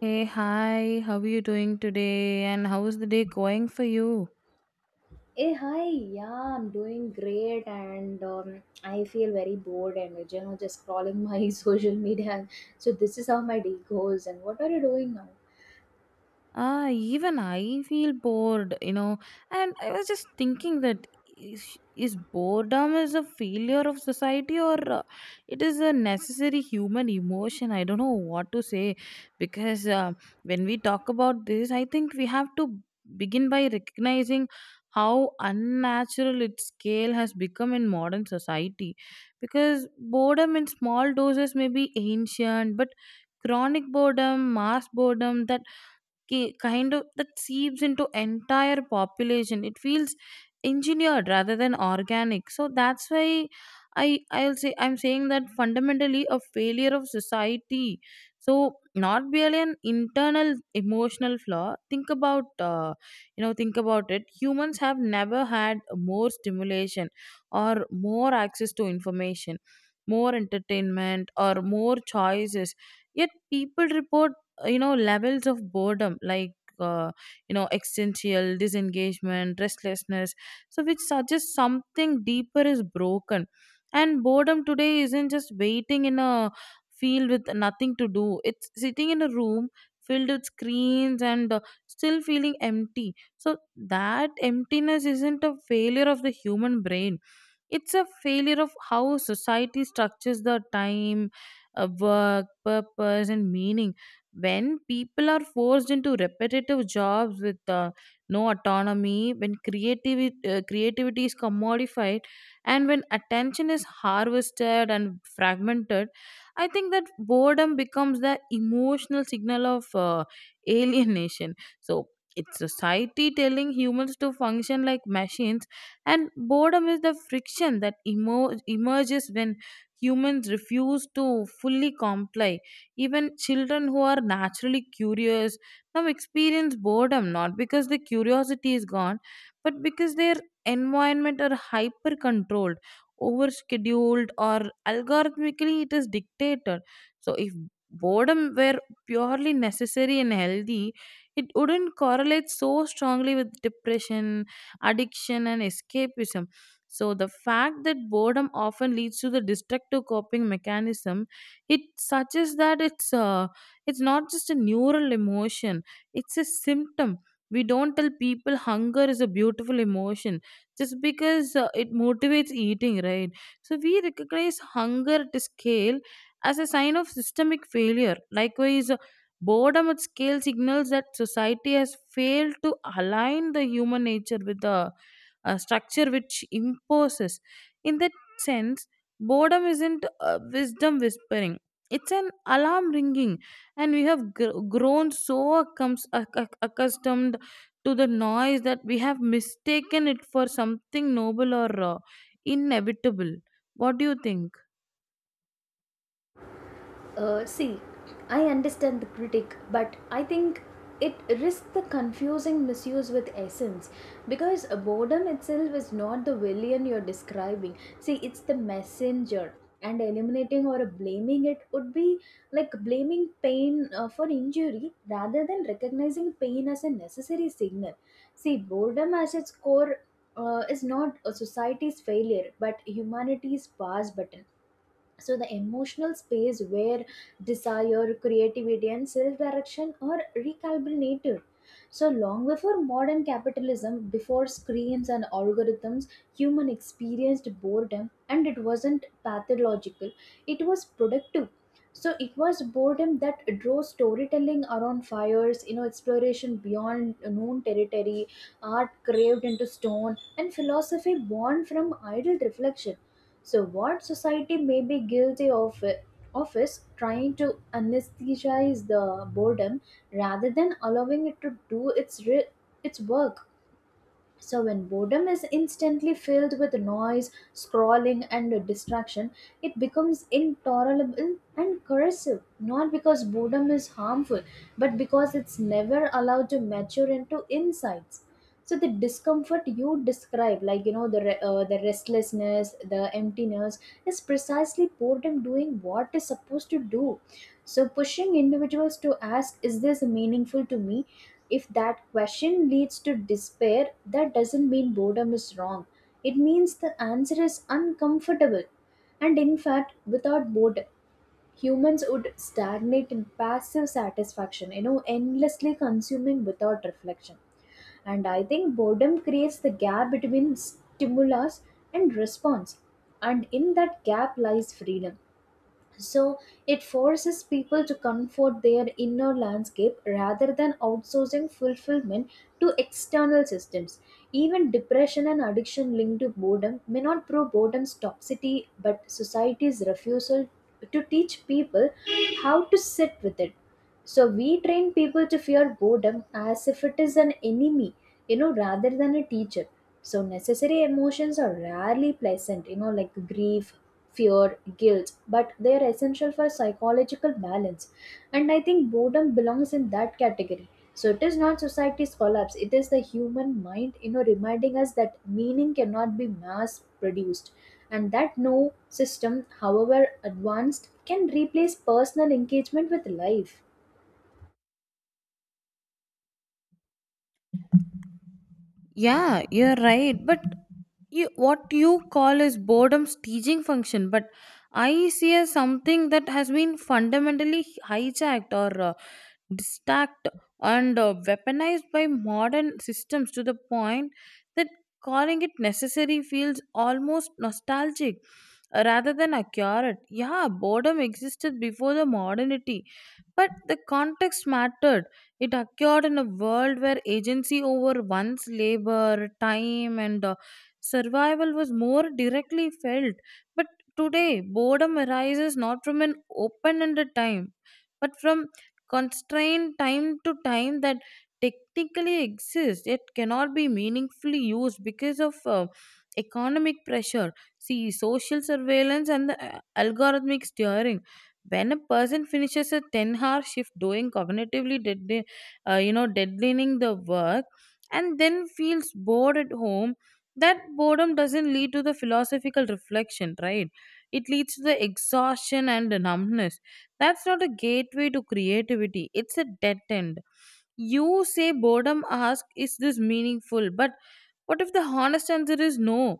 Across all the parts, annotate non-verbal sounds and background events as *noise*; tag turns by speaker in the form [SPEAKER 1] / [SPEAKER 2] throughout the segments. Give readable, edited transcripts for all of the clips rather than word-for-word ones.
[SPEAKER 1] Hey, hi, how are you doing today? And how is the day going for you?
[SPEAKER 2] Hey, hi, yeah, I'm doing great and I feel very bored and you know just scrolling my *laughs* social media. So this is how my day goes. And what are you doing now?
[SPEAKER 1] Ah, even I feel bored. And I was just thinking that is, is boredom is a failure of society, or it is a necessary human emotion. I don't know what to say because when we talk about this, I think we have to begin by recognizing how unnatural its scale has become in modern society, because boredom in small doses may be ancient but chronic boredom, mass boredom, kind of that seeps into entire population, it feels engineered rather than organic. So that's why I'm saying that fundamentally a failure of society. So not really an internal emotional flaw. Think about uh, you know think about it, humans have never had more stimulation or more access to information, more entertainment or more choices, yet people report levels of boredom like uh, existential disengagement, restlessness, so which suggests something deeper is broken. And boredom today isn't just waiting in a field with nothing to do, it's sitting in a room filled with screens and still feeling empty. So that emptiness isn't a failure of the human brain, it's a failure of how society structures the time, work, purpose and meaning. When people are forced into repetitive jobs with no autonomy, when creativity is commodified, and when attention is harvested and fragmented, I think that boredom becomes the emotional signal of *laughs* alienation. So it's society telling humans to function like machines, and boredom is the friction that emerges when humans refuse to fully comply. Even children who are naturally curious now experience boredom, not because the curiosity is gone but because their environment are hyper controlled, over scheduled, or algorithmically it is dictated. So if boredom were purely necessary and healthy, it wouldn't correlate so strongly with depression, addiction, and escapism. So, the fact that boredom often leads to the destructive coping mechanism, it suggests that it's not just a neural emotion; it's a symptom. We don't tell people hunger is a beautiful emotion just because it motivates eating, right? So we recognize hunger at scale as a sign of systemic failure. Likewise, boredom at scale signals that society has failed to align the human nature with the structure which imposes. In that sense, boredom isn't wisdom whispering, it's an alarm ringing, and we have grown so accustomed to the noise that we have mistaken it for something noble or inevitable. What do you think?
[SPEAKER 2] See, I understand the critic, but I think it risks the confusing misuse with essence because boredom itself is not the villain you're describing. See, it's the messenger, and eliminating or blaming it would be like blaming pain for injury rather than recognizing pain as a necessary signal. See, boredom as its core is not a society's failure but humanity's pause button, so the emotional space where desire, creativity and self-direction are recalibrated. So long before modern capitalism, before screens and algorithms, human experienced boredom and it wasn't pathological, it was productive. So it was boredom that drove storytelling around fires, you know, exploration beyond known territory, art carved into stone, and philosophy born from idle reflection. So, what society may be guilty of is trying to anesthetize the boredom rather than allowing it to do its work. So, when boredom is instantly filled with noise, scrolling, and distraction, it becomes intolerable and corrosive. Not because boredom is harmful, but because it's never allowed to mature into insights. So, the discomfort you describe, like you know, the restlessness, the emptiness, is precisely boredom doing what it's supposed to do, so pushing individuals to ask, "Is this meaningful to me?" If that question leads to despair, that doesn't mean boredom is wrong. It means the answer is uncomfortable. And in fact, without boredom, humans would stagnate in passive satisfaction, you know, endlessly consuming without reflection. And I think boredom creates the gap between stimulus and response. And in that gap lies freedom, so it forces people to comfort their inner landscape rather than outsourcing fulfillment to external systems. Even depression and addiction linked to boredom may not prove boredom's toxicity, but society's refusal to teach people how to sit with it. So we train people to fear boredom as if it is an enemy, rather than a teacher. So necessary emotions are rarely pleasant, like grief, fear, guilt, but they are essential for psychological balance. And I think boredom belongs in that category. So it is not society's collapse, it is the human mind, reminding us that meaning cannot be mass produced and that no system, however advanced, can replace personal engagement with life.
[SPEAKER 1] Yeah, you're right. But what you call is boredom's teaching function, but I see as something that has been fundamentally hijacked or distract and weaponized by modern systems, to the point that calling it necessary feels almost nostalgic rather than accurate. Yeah, boredom existed before the modernity, but the context mattered. It occurred in a world where agency over one's labor, time, and survival was more directly felt. But today, boredom arises not from an open ended time, but from constrained time to time that technically exists yet cannot be meaningfully used because of economic pressure. See, social surveillance and the algorithmic steering, when a person finishes a 10-hour shift doing cognitively deadlining the work and then feels bored at home, that boredom doesn't lead to the philosophical reflection, right? It leads to the exhaustion and the numbness. That's not a gateway to creativity, it's a dead end. You say boredom ask is this meaningful, but what if the honest answer is no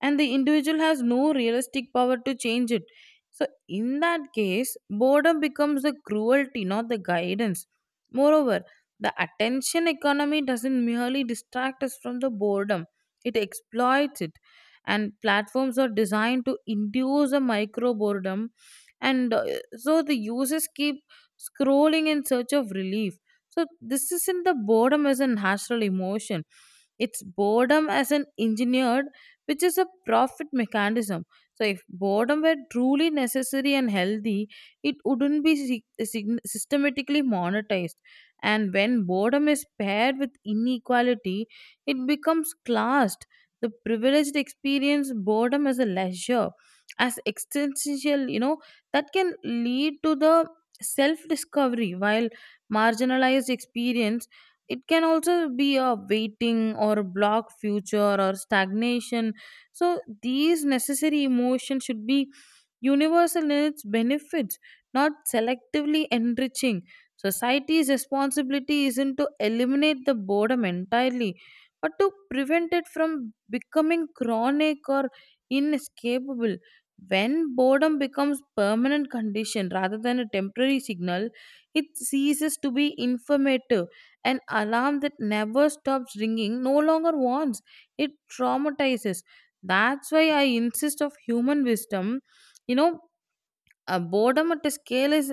[SPEAKER 1] and the individual has no realistic power to change it. So, in that case, boredom becomes the cruelty, not the guidance. Moreover, the attention economy doesn't merely distract us from the boredom, it exploits it. And platforms are designed to induce a micro boredom, and so the users keep scrolling in search of relief. So, this isn't the boredom as a natural emotion, it's boredom as an engineered, which is a profit mechanism. So, if boredom were truly necessary and healthy, it wouldn't be systematically monetized. And when boredom is paired with inequality, it becomes classed. The privileged experience boredom as a leisure, as existential, that can lead to the self discovery, while marginalized experience it can also be a waiting or blocked future or stagnation. So these necessary emotions should be universal in its benefits, not selectively enriching. Society's responsibility isn't to eliminate the boredom entirely, but to prevent it from becoming chronic or inescapable. When boredom becomes permanent condition rather than a temporary signal, it ceases to be informative. An alarm that never stops ringing no longer warns; it traumatizes. That's why I insist of human wisdom you know Boredom at a scale is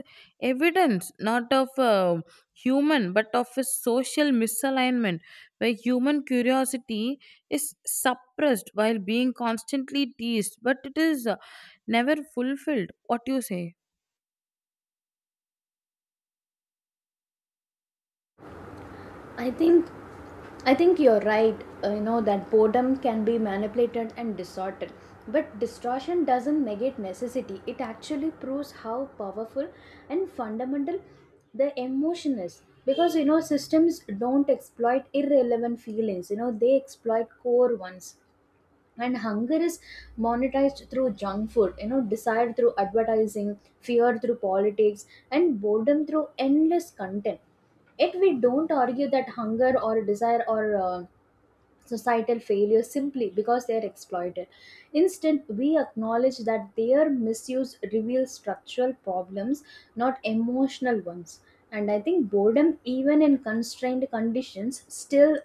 [SPEAKER 1] evidence not of a human but of a social misalignment, where human curiosity is suppressed while being constantly teased but it is never fulfilled. What do you say?
[SPEAKER 2] I think I think you're right. You know that boredom can be manipulated and distorted, but distortion doesn't negate necessity. It actually proves how powerful and fundamental the emotion is. Because you know systems don't exploit irrelevant feelings. You know they exploit core ones, and hunger is monetized through junk food, you know, desire through advertising, fear through politics, and boredom through endless content. Yet we don't argue that hunger or desire or societal failure simply because they are exploited. Instead, we acknowledge that their misuse reveals structural problems, not emotional ones. And I think boredom, even in constrained conditions, still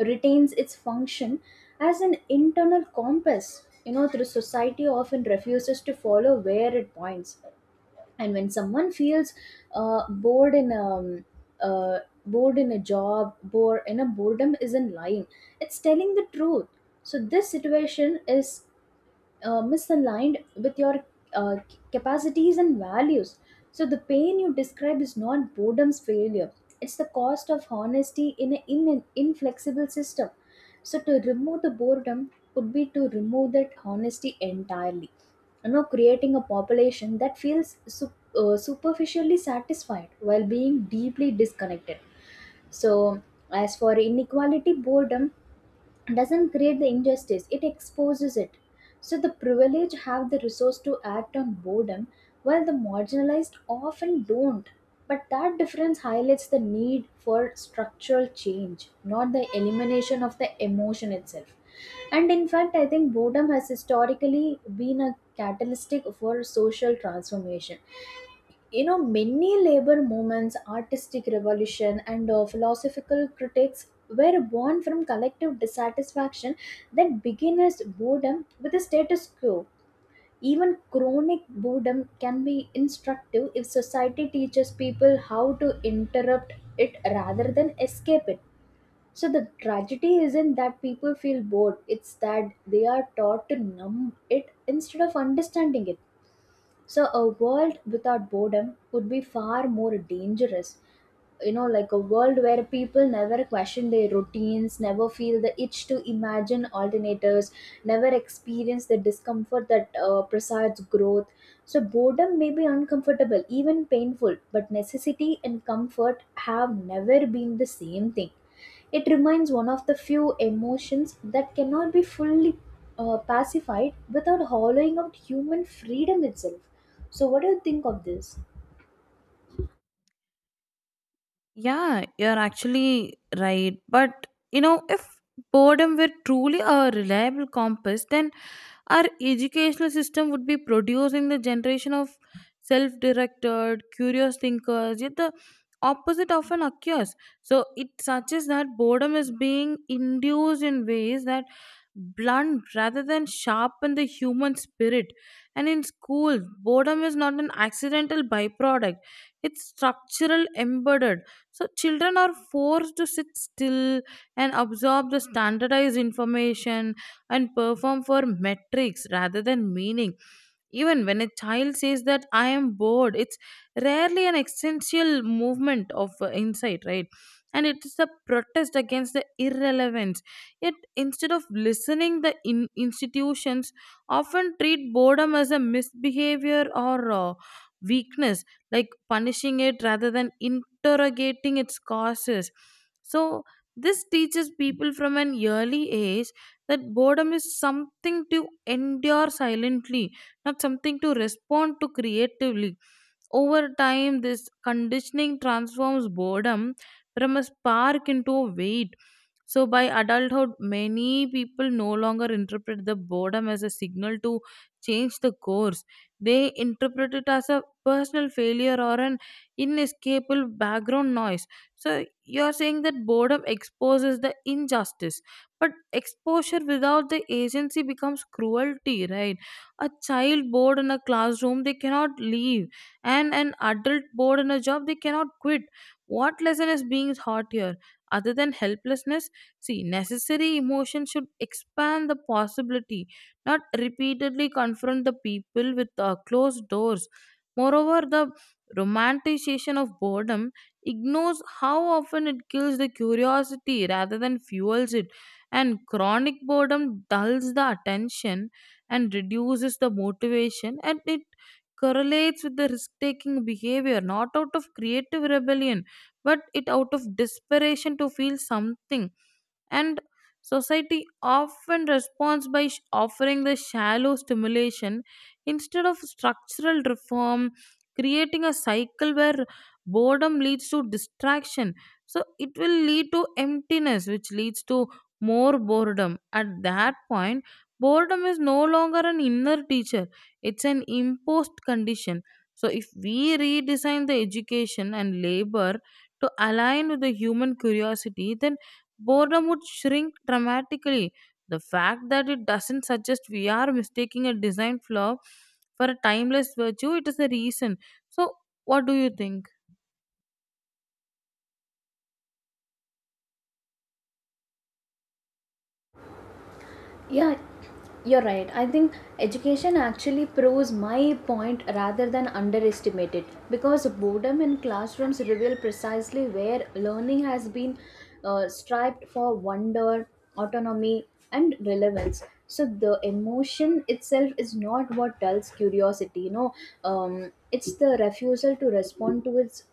[SPEAKER 2] retains its function as an internal compass. You know, the society often refuses to follow where it points, and when someone feels uh, bored in um, bored in a job, bored in a boredom isn't lying, it's telling the truth. So this situation is misaligned with your uh, capacities and values. So, the pain you describe is not boredom's failure, it's the cost of honesty in an inflexible system. So, to remove the boredom would be to remove that honesty entirely, you know, creating a population that feels superficially satisfied while being deeply disconnected. So, as for inequality, boredom doesn't create the injustice, it exposes it. So the privileged have the resource to act on boredom while the marginalized often don't, but that difference highlights the need for structural change, not the elimination of the emotion itself. And in fact, I think boredom has historically been a catalytic for social transformation. You know, many labor movements, artistic revolution, and philosophical critics were born from collective dissatisfaction that beginners boredom with the status quo. Even chronic boredom can be instructive if society teaches people how to interrupt it rather than escape it. So the tragedy isn't that people feel bored, it's that they are taught to numb it instead of understanding it. So, a world without boredom would be far more dangerous, you know, like a world where people never question their routines, never feel the itch to imagine alternatives, never experience the discomfort that presides growth. So boredom may be uncomfortable, even painful, but necessity and comfort have never been the same thing. It remains one of the few emotions that cannot be fully pacified without hollowing out human freedom itself. So what do you think of this?
[SPEAKER 1] Yeah, you're actually right, but if boredom were truly a reliable compass, then our educational system would be producing the generation of self-directed curious thinkers, yet the opposite often occurs. So it suggests that boredom is being induced in ways that blunt rather than sharpen the human spirit. And in schools, boredom is not an accidental byproduct, it's structural embedded. So children are forced to sit still and absorb the standardized information and perform for metrics rather than meaning. Even when a child says that I am bored, it's rarely an essential movement of insight, right? And it is a protest against the irrelevance. Yet, instead of listening, the institutions often treat boredom as a misbehavior or weakness, like punishing it rather than interrogating its causes. So, this teaches people from an early age that boredom is something to endure silently, not something to respond to creatively. Over time, this conditioning transforms boredom from a spark into a weight. So, by adulthood, many people no longer interpret the boredom as a signal to change the course. They interpret it as a personal failure or an inescapable background noise. So, you're saying that boredom exposes the injustice, but exposure without the agency becomes cruelty, right? A child bored in a classroom, they cannot leave, and an adult bored in a job, they cannot quit. What lesson is being taught here other than helplessness? See, necessary emotion should expand the possibility, not repeatedly confront the people with closed doors. Moreover, the romanticization of boredom ignores how often it kills the curiosity rather than fuels it, and chronic boredom dulls the attention and reduces the motivation, and it correlates with the risk taking behavior, not out of creative rebellion, but it out of desperation to feel something. And society often responds by offering the shallow stimulation instead of structural reform, creating a cycle where boredom leads to distraction, so it will lead to emptiness, which leads to more boredom. At that point boredom is no longer an inner teacher, it's an imposed condition. So if we redesign the education and labor to align with the human curiosity, then boredom would shrink dramatically. The fact that it doesn't suggest we are mistaking a design flaw for a timeless virtue, it is a reason. So, what do you think?
[SPEAKER 2] Yeah, you're right. I think education actually proves my point rather than underestimate it because boredom in classrooms reveal precisely where learning has been striped for wonder, autonomy, and relevance. So the emotion itself is not what dulls curiosity. You know, it's the refusal to respond to its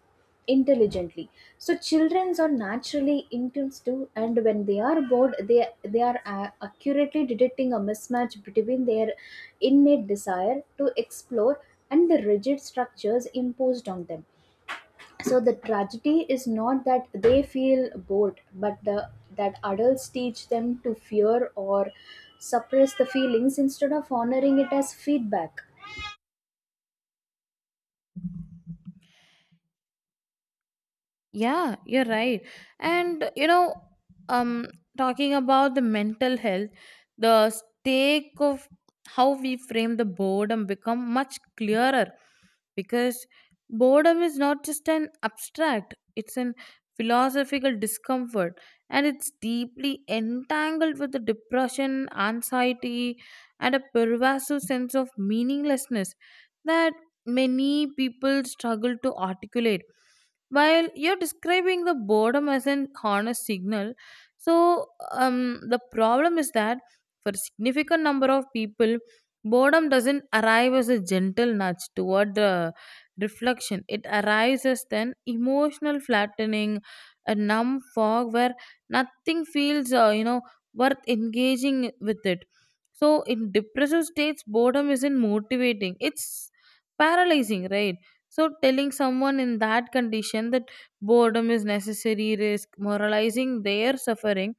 [SPEAKER 2] intelligently. So childrens are naturally intense too, and when they are bored, they accurately detecting a mismatch between their innate desire to explore and the rigid structures imposed on them. So the tragedy is not that they feel bored, but the that adults teach them to fear or suppress the feelings instead of honoring it as feedback.
[SPEAKER 1] Yeah, you're right. And um, talking about the mental health, the stake of how we frame the boredom become much clearer, because boredom is not just an abstract, it's an philosophical discomfort, and it's deeply entangled with the depression, anxiety, and a pervasive sense of meaninglessness that many people struggle to articulate. While you're describing the boredom as an honest signal, so the problem is that for a significant number of people boredom doesn't arrive as a gentle nudge toward the reflection, it arrives as an emotional flattening, a numb fog where nothing feels worth engaging with it. So in depressive states boredom isn't motivating, it's paralyzing, right? So, telling someone in that condition that boredom is necessary, risk, moralizing their suffering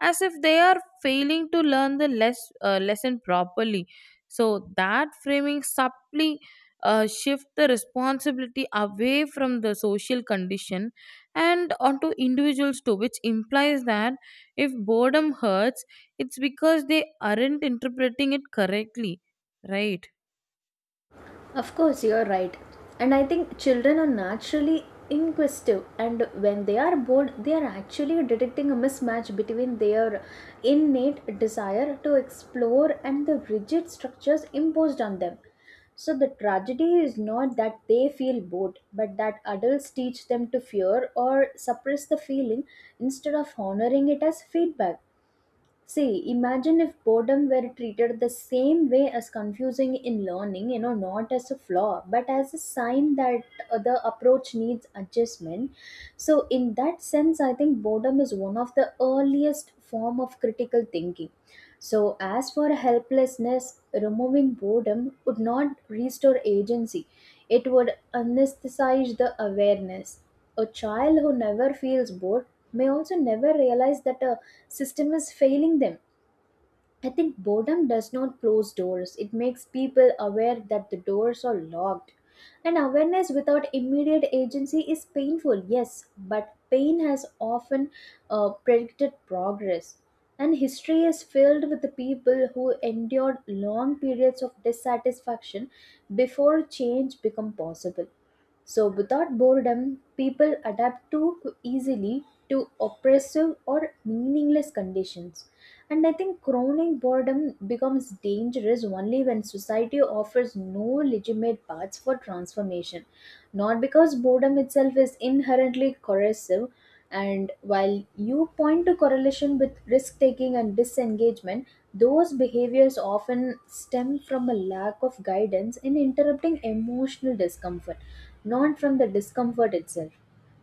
[SPEAKER 1] as if they are failing to learn the lesson properly. So, that framing subtly shift the responsibility away from the social condition and onto individuals too, which implies that if boredom hurts, it's because they aren't interpreting it correctly, right?
[SPEAKER 2] Of course, you're right. And I think children are naturally inquisitive, and when they are bored, they are actually detecting a mismatch between their innate desire to explore and the rigid structures imposed on them. So, the tragedy is not that they feel bored, but that adults teach them to fear or suppress the feeling instead of honoring it as feedback. See, imagine if boredom were treated the same way as confusing in learning, you know, not as a flaw, but as a sign that the approach needs adjustment. So, in that sense, I think boredom is one of the earliest form of critical thinking. So, as for helplessness, removing boredom would not restore agency. It would anesthetize the awareness. A child who never feels bored may also never realize that a system is failing them. I think boredom does not close doors, it makes people aware that the doors are locked. And awareness without immediate agency is painful, yes, but pain has often predicted progress. And history is filled with the people who endured long periods of dissatisfaction before change became possible. So, without boredom, people adapt too easily to oppressive or meaningless conditions. And I think chronic boredom becomes dangerous only when society offers no legitimate paths for transformation, not because boredom itself is inherently corrosive. And while you point to correlation with risk taking and disengagement, those behaviors often stem from a lack of guidance in interrupting emotional discomfort, not from the discomfort itself.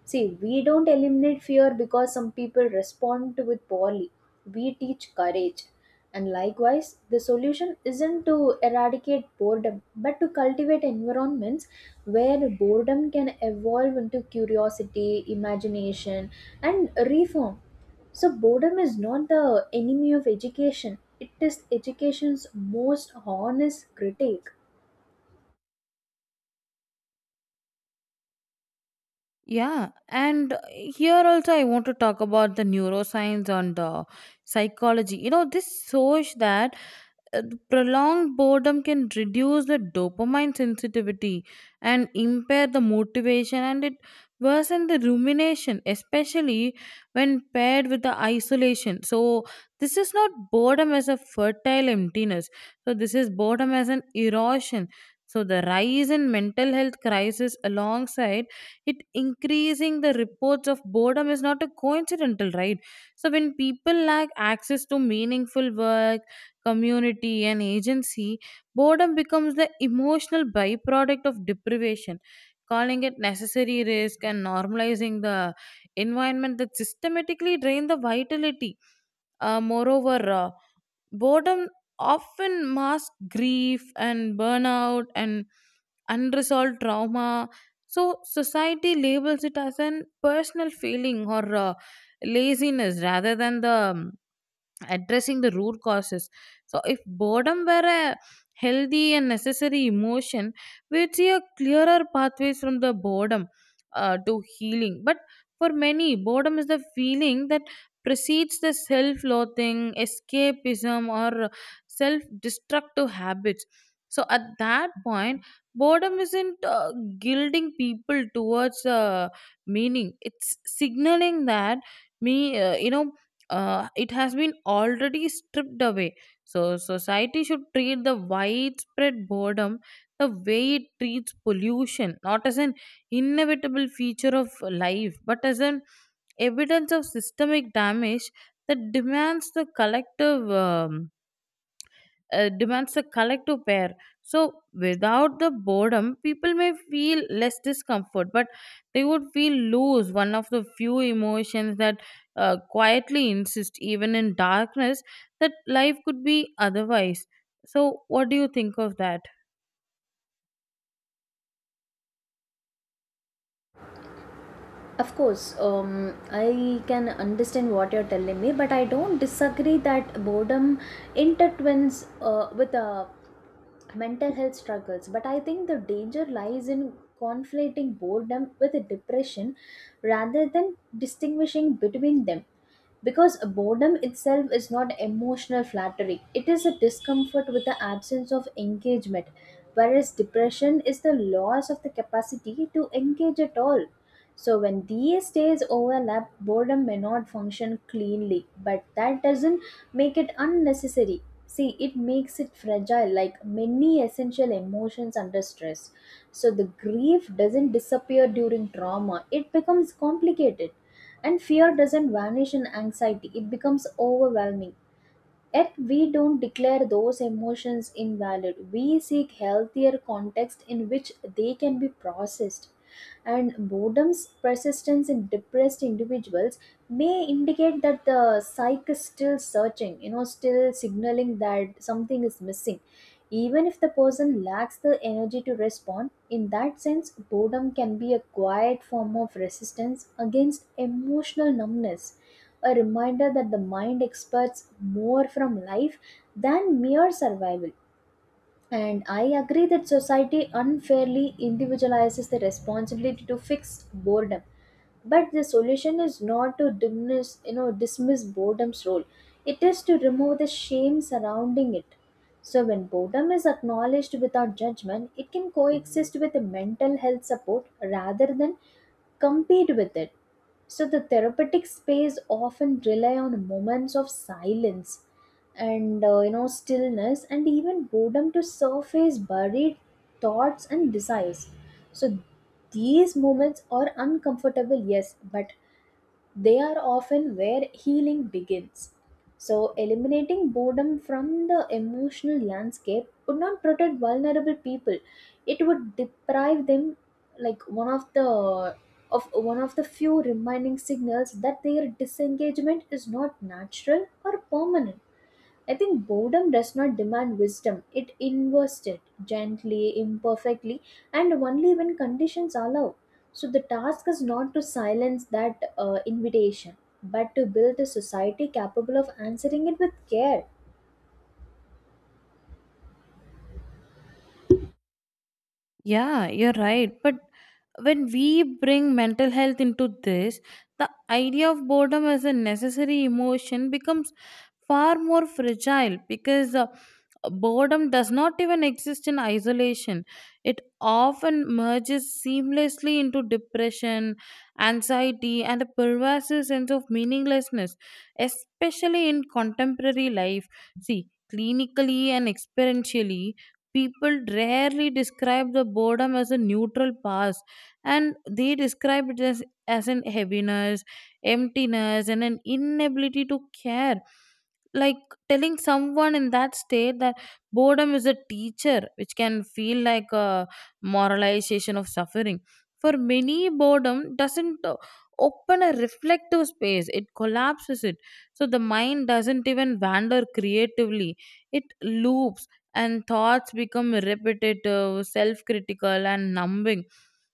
[SPEAKER 2] See, we don't eliminate fear because some people respond to it poorly. We teach courage. And likewise, the solution isn't to eradicate boredom, but to cultivate environments where boredom can evolve into curiosity, imagination, and reform. So, boredom is not the enemy of education, it is education's most honest critic.
[SPEAKER 1] Yeah, and here also I want to talk about the neuroscience and the psychology. You know, this shows that uh, prolonged boredom can reduce the dopamine sensitivity and impair the motivation, and it worsens the rumination, especially when paired with the isolation. So this is not boredom as a fertile emptiness, so this is boredom as an erosion. So the rise in mental health crisis alongside it increasing the reports of boredom is not a coincidental, right? So when people lack access to meaningful work, community, and agency, boredom becomes the emotional byproduct of deprivation, calling it necessary risk and normalizing the environment that systematically drain the vitality. Moreover, boredom often masks grief and burnout and unresolved trauma. So society labels it as an personal feeling or laziness rather than the addressing the root causes. So, if boredom were a healthy and necessary emotion, we'd see a clearer pathways from the boredom to healing. But for many, boredom is the feeling that precedes the self-loathing, escapism, or self-destructive habits. So, at that point, boredom isn't guilting people towards meaning; it's signaling that me, it has been already stripped away. So, society should treat the widespread boredom the way it treats pollution, not as an inevitable feature of life, but as an evidence of systemic damage that demands the collective. Demands a collective pair. So, without the boredom, people may feel less discomfort, but they would feel loose, one of the few emotions that quietly insist, even in darkness, that life could be otherwise. So, what do you think of that?
[SPEAKER 2] Of course, I can understand what you're telling me, but I don't disagree that boredom intertwines with mental health struggles. But I think the danger lies in conflating boredom with depression rather than distinguishing between them, because boredom itself is not emotional flattery, it is a discomfort with the absence of engagement, whereas depression is the loss of the capacity to engage at all. So when these states overlap, boredom may not function cleanly, but that doesn't make it unnecessary. See, it makes it fragile, like many essential emotions under stress. So, the grief doesn't disappear during trauma, it becomes complicated. And fear doesn't vanish in anxiety, it becomes overwhelming. Yet we don't declare those emotions invalid. We seek healthier context in which they can be processed. And boredom's persistence in depressed individuals may indicate that the psyche is still searching, you know, still signaling that something is missing. Even if the person lacks the energy to respond, in that sense, boredom can be a quiet form of resistance against emotional numbness, a reminder that the mind expects more from life than mere survival. And I agree that society unfairly individualizes the responsibility to fix boredom. But the solution is not to diminish, you know, dismiss boredom's role. It is to remove the shame surrounding it. So when boredom is acknowledged without judgment, it can coexist with the mental health support rather than compete with it. So the therapeutic space often rely on moments of silence and you know stillness and even boredom to surface buried thoughts and desires. So these moments are uncomfortable, yes, but they are often where healing begins. So, eliminating boredom from the emotional landscape would not protect vulnerable people. It would deprive them, like one of the of one of the few reminding signals that their disengagement is not natural or permanent. I think boredom does not demand wisdom. It invests it gently, imperfectly, and only when conditions allow. So the task is not to silence that invitation, but to build a society capable of answering it with care.
[SPEAKER 1] Yeah, you're right. But when we bring mental health into this, the idea of boredom as a necessary emotion becomes far more fragile, because boredom does not even exist in isolation. It often merges seamlessly into depression, anxiety, and a pervasive sense of meaninglessness, especially in contemporary life. See, clinically and experientially, people rarely describe the boredom as a neutral past, and they describe it as an heaviness, emptiness, and an inability to care. Like, telling someone in that state that boredom is a teacher, which can feel like a moralization of suffering. For many, boredom doesn't open a reflective space, it collapses it. So the mind doesn't even wander creatively, it loops, and thoughts become repetitive, self critical, and numbing.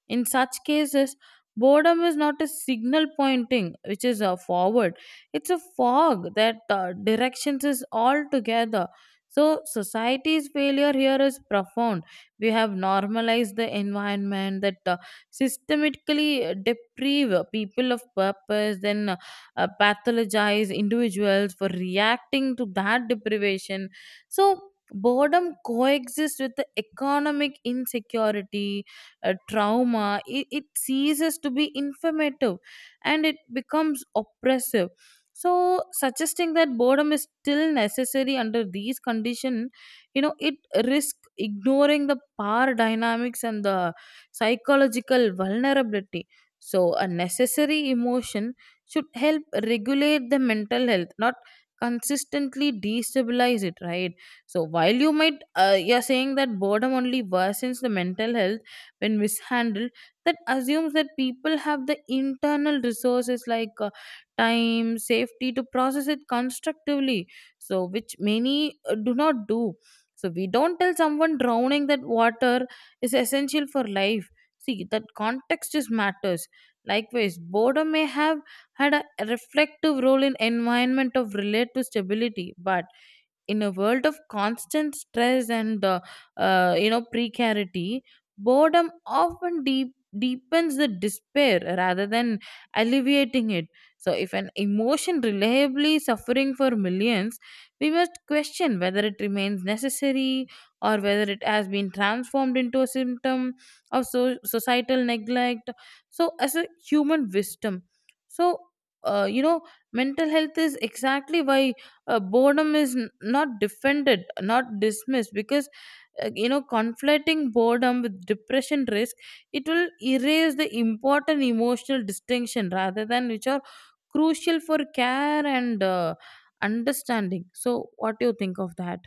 [SPEAKER 1] In such cases, boredom is not a signal pointing, which is a forward, it's a fog that directions is all together. So, society's failure here is profound. We have normalized the environment that systematically deprive people of purpose, then pathologize individuals for reacting to that deprivation. So, boredom coexists with the economic insecurity, trauma, it ceases to be informative and it becomes oppressive. So suggesting that boredom is still necessary under these conditions, you know, it risks ignoring the power dynamics and the psychological vulnerability. So a necessary emotion should help regulate the mental health, not consistently destabilize it, right? So while you might you're saying that boredom only worsens the mental health when mishandled, that assumes that people have the internal resources, like time safety, to process it constructively, so which many do not do. So we don't tell someone drowning that water is essential for life. See, that context just matters. Likewise, boredom may have had a reflective role in environment of relative stability, but in a world of constant stress and you know, precarity, boredom often deepens the despair rather than alleviating it. So if an emotion reliably suffering for millions, we must question whether it remains necessary, or whether it has been transformed into a symptom of societal neglect. So as a human wisdom, so you know mental health is exactly why boredom is not defended, not dismissed, because you know, conflating boredom with depression risk, it will erase the important emotional distinction rather than which are crucial for care and understanding. So what do you think of that?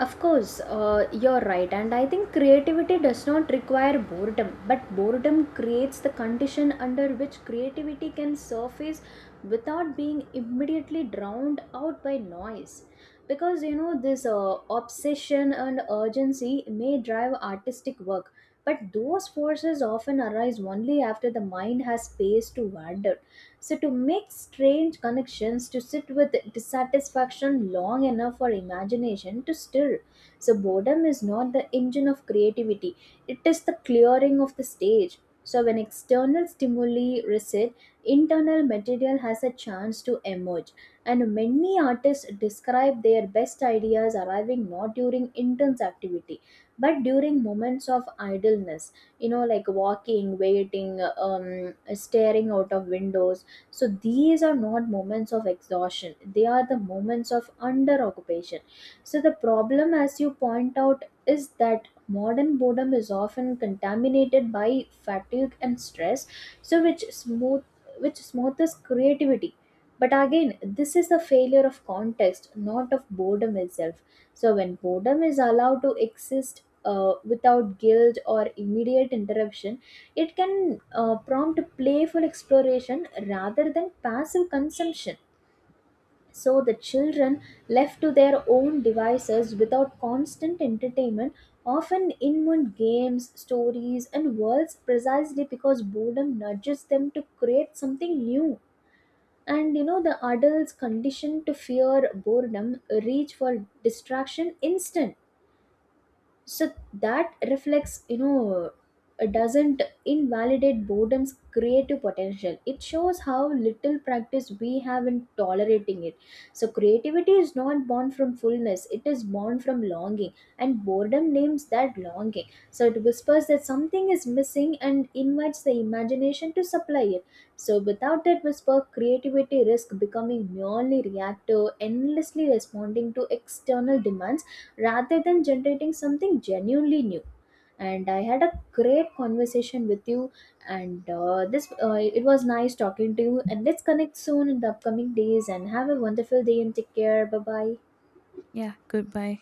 [SPEAKER 2] Of course, you're right, and I think creativity does not require boredom, but boredom creates the condition under which creativity can surface without being immediately drowned out by noise. Because you know, this obsession and urgency may drive artistic work, but those forces often arise only after the mind has space to wander, so to make strange connections, to sit with dissatisfaction long enough for imagination to stir. So, boredom is not the engine of creativity, it is the clearing of the stage. So, when external stimuli recede, internal material has a chance to emerge. And many artists describe their best ideas arriving not during intense activity, but during moments of idleness, you know, like walking, waiting, staring out of windows. So these are not moments of exhaustion, they are the moments of under occupation. So the problem, as you point out, is that modern boredom is often contaminated by fatigue and stress, so which smothers creativity. But again, this is a failure of context, not of boredom itself. So when boredom is allowed to exist without guilt or immediate interruption, it can prompt playful exploration rather than passive consumption. So, the children left to their own devices without constant entertainment often invent games, stories, and worlds precisely because boredom nudges them to create something new. And you know, the adults conditioned to fear boredom reach for distraction instant, so that reflects, you know, doesn't invalidate boredom's creative potential, it shows how little practice we have in tolerating it. So creativity is not born from fullness, it is born from longing, and boredom names that longing. So it whispers that something is missing and invites the imagination to supply it. So without that whisper, creativity risks becoming merely reactive, endlessly responding to external demands rather than generating something genuinely new. And I had a great conversation with you, and this it was nice talking to you, and let's connect soon in the upcoming days and have a wonderful day and take care. Bye bye.
[SPEAKER 1] Yeah, goodbye.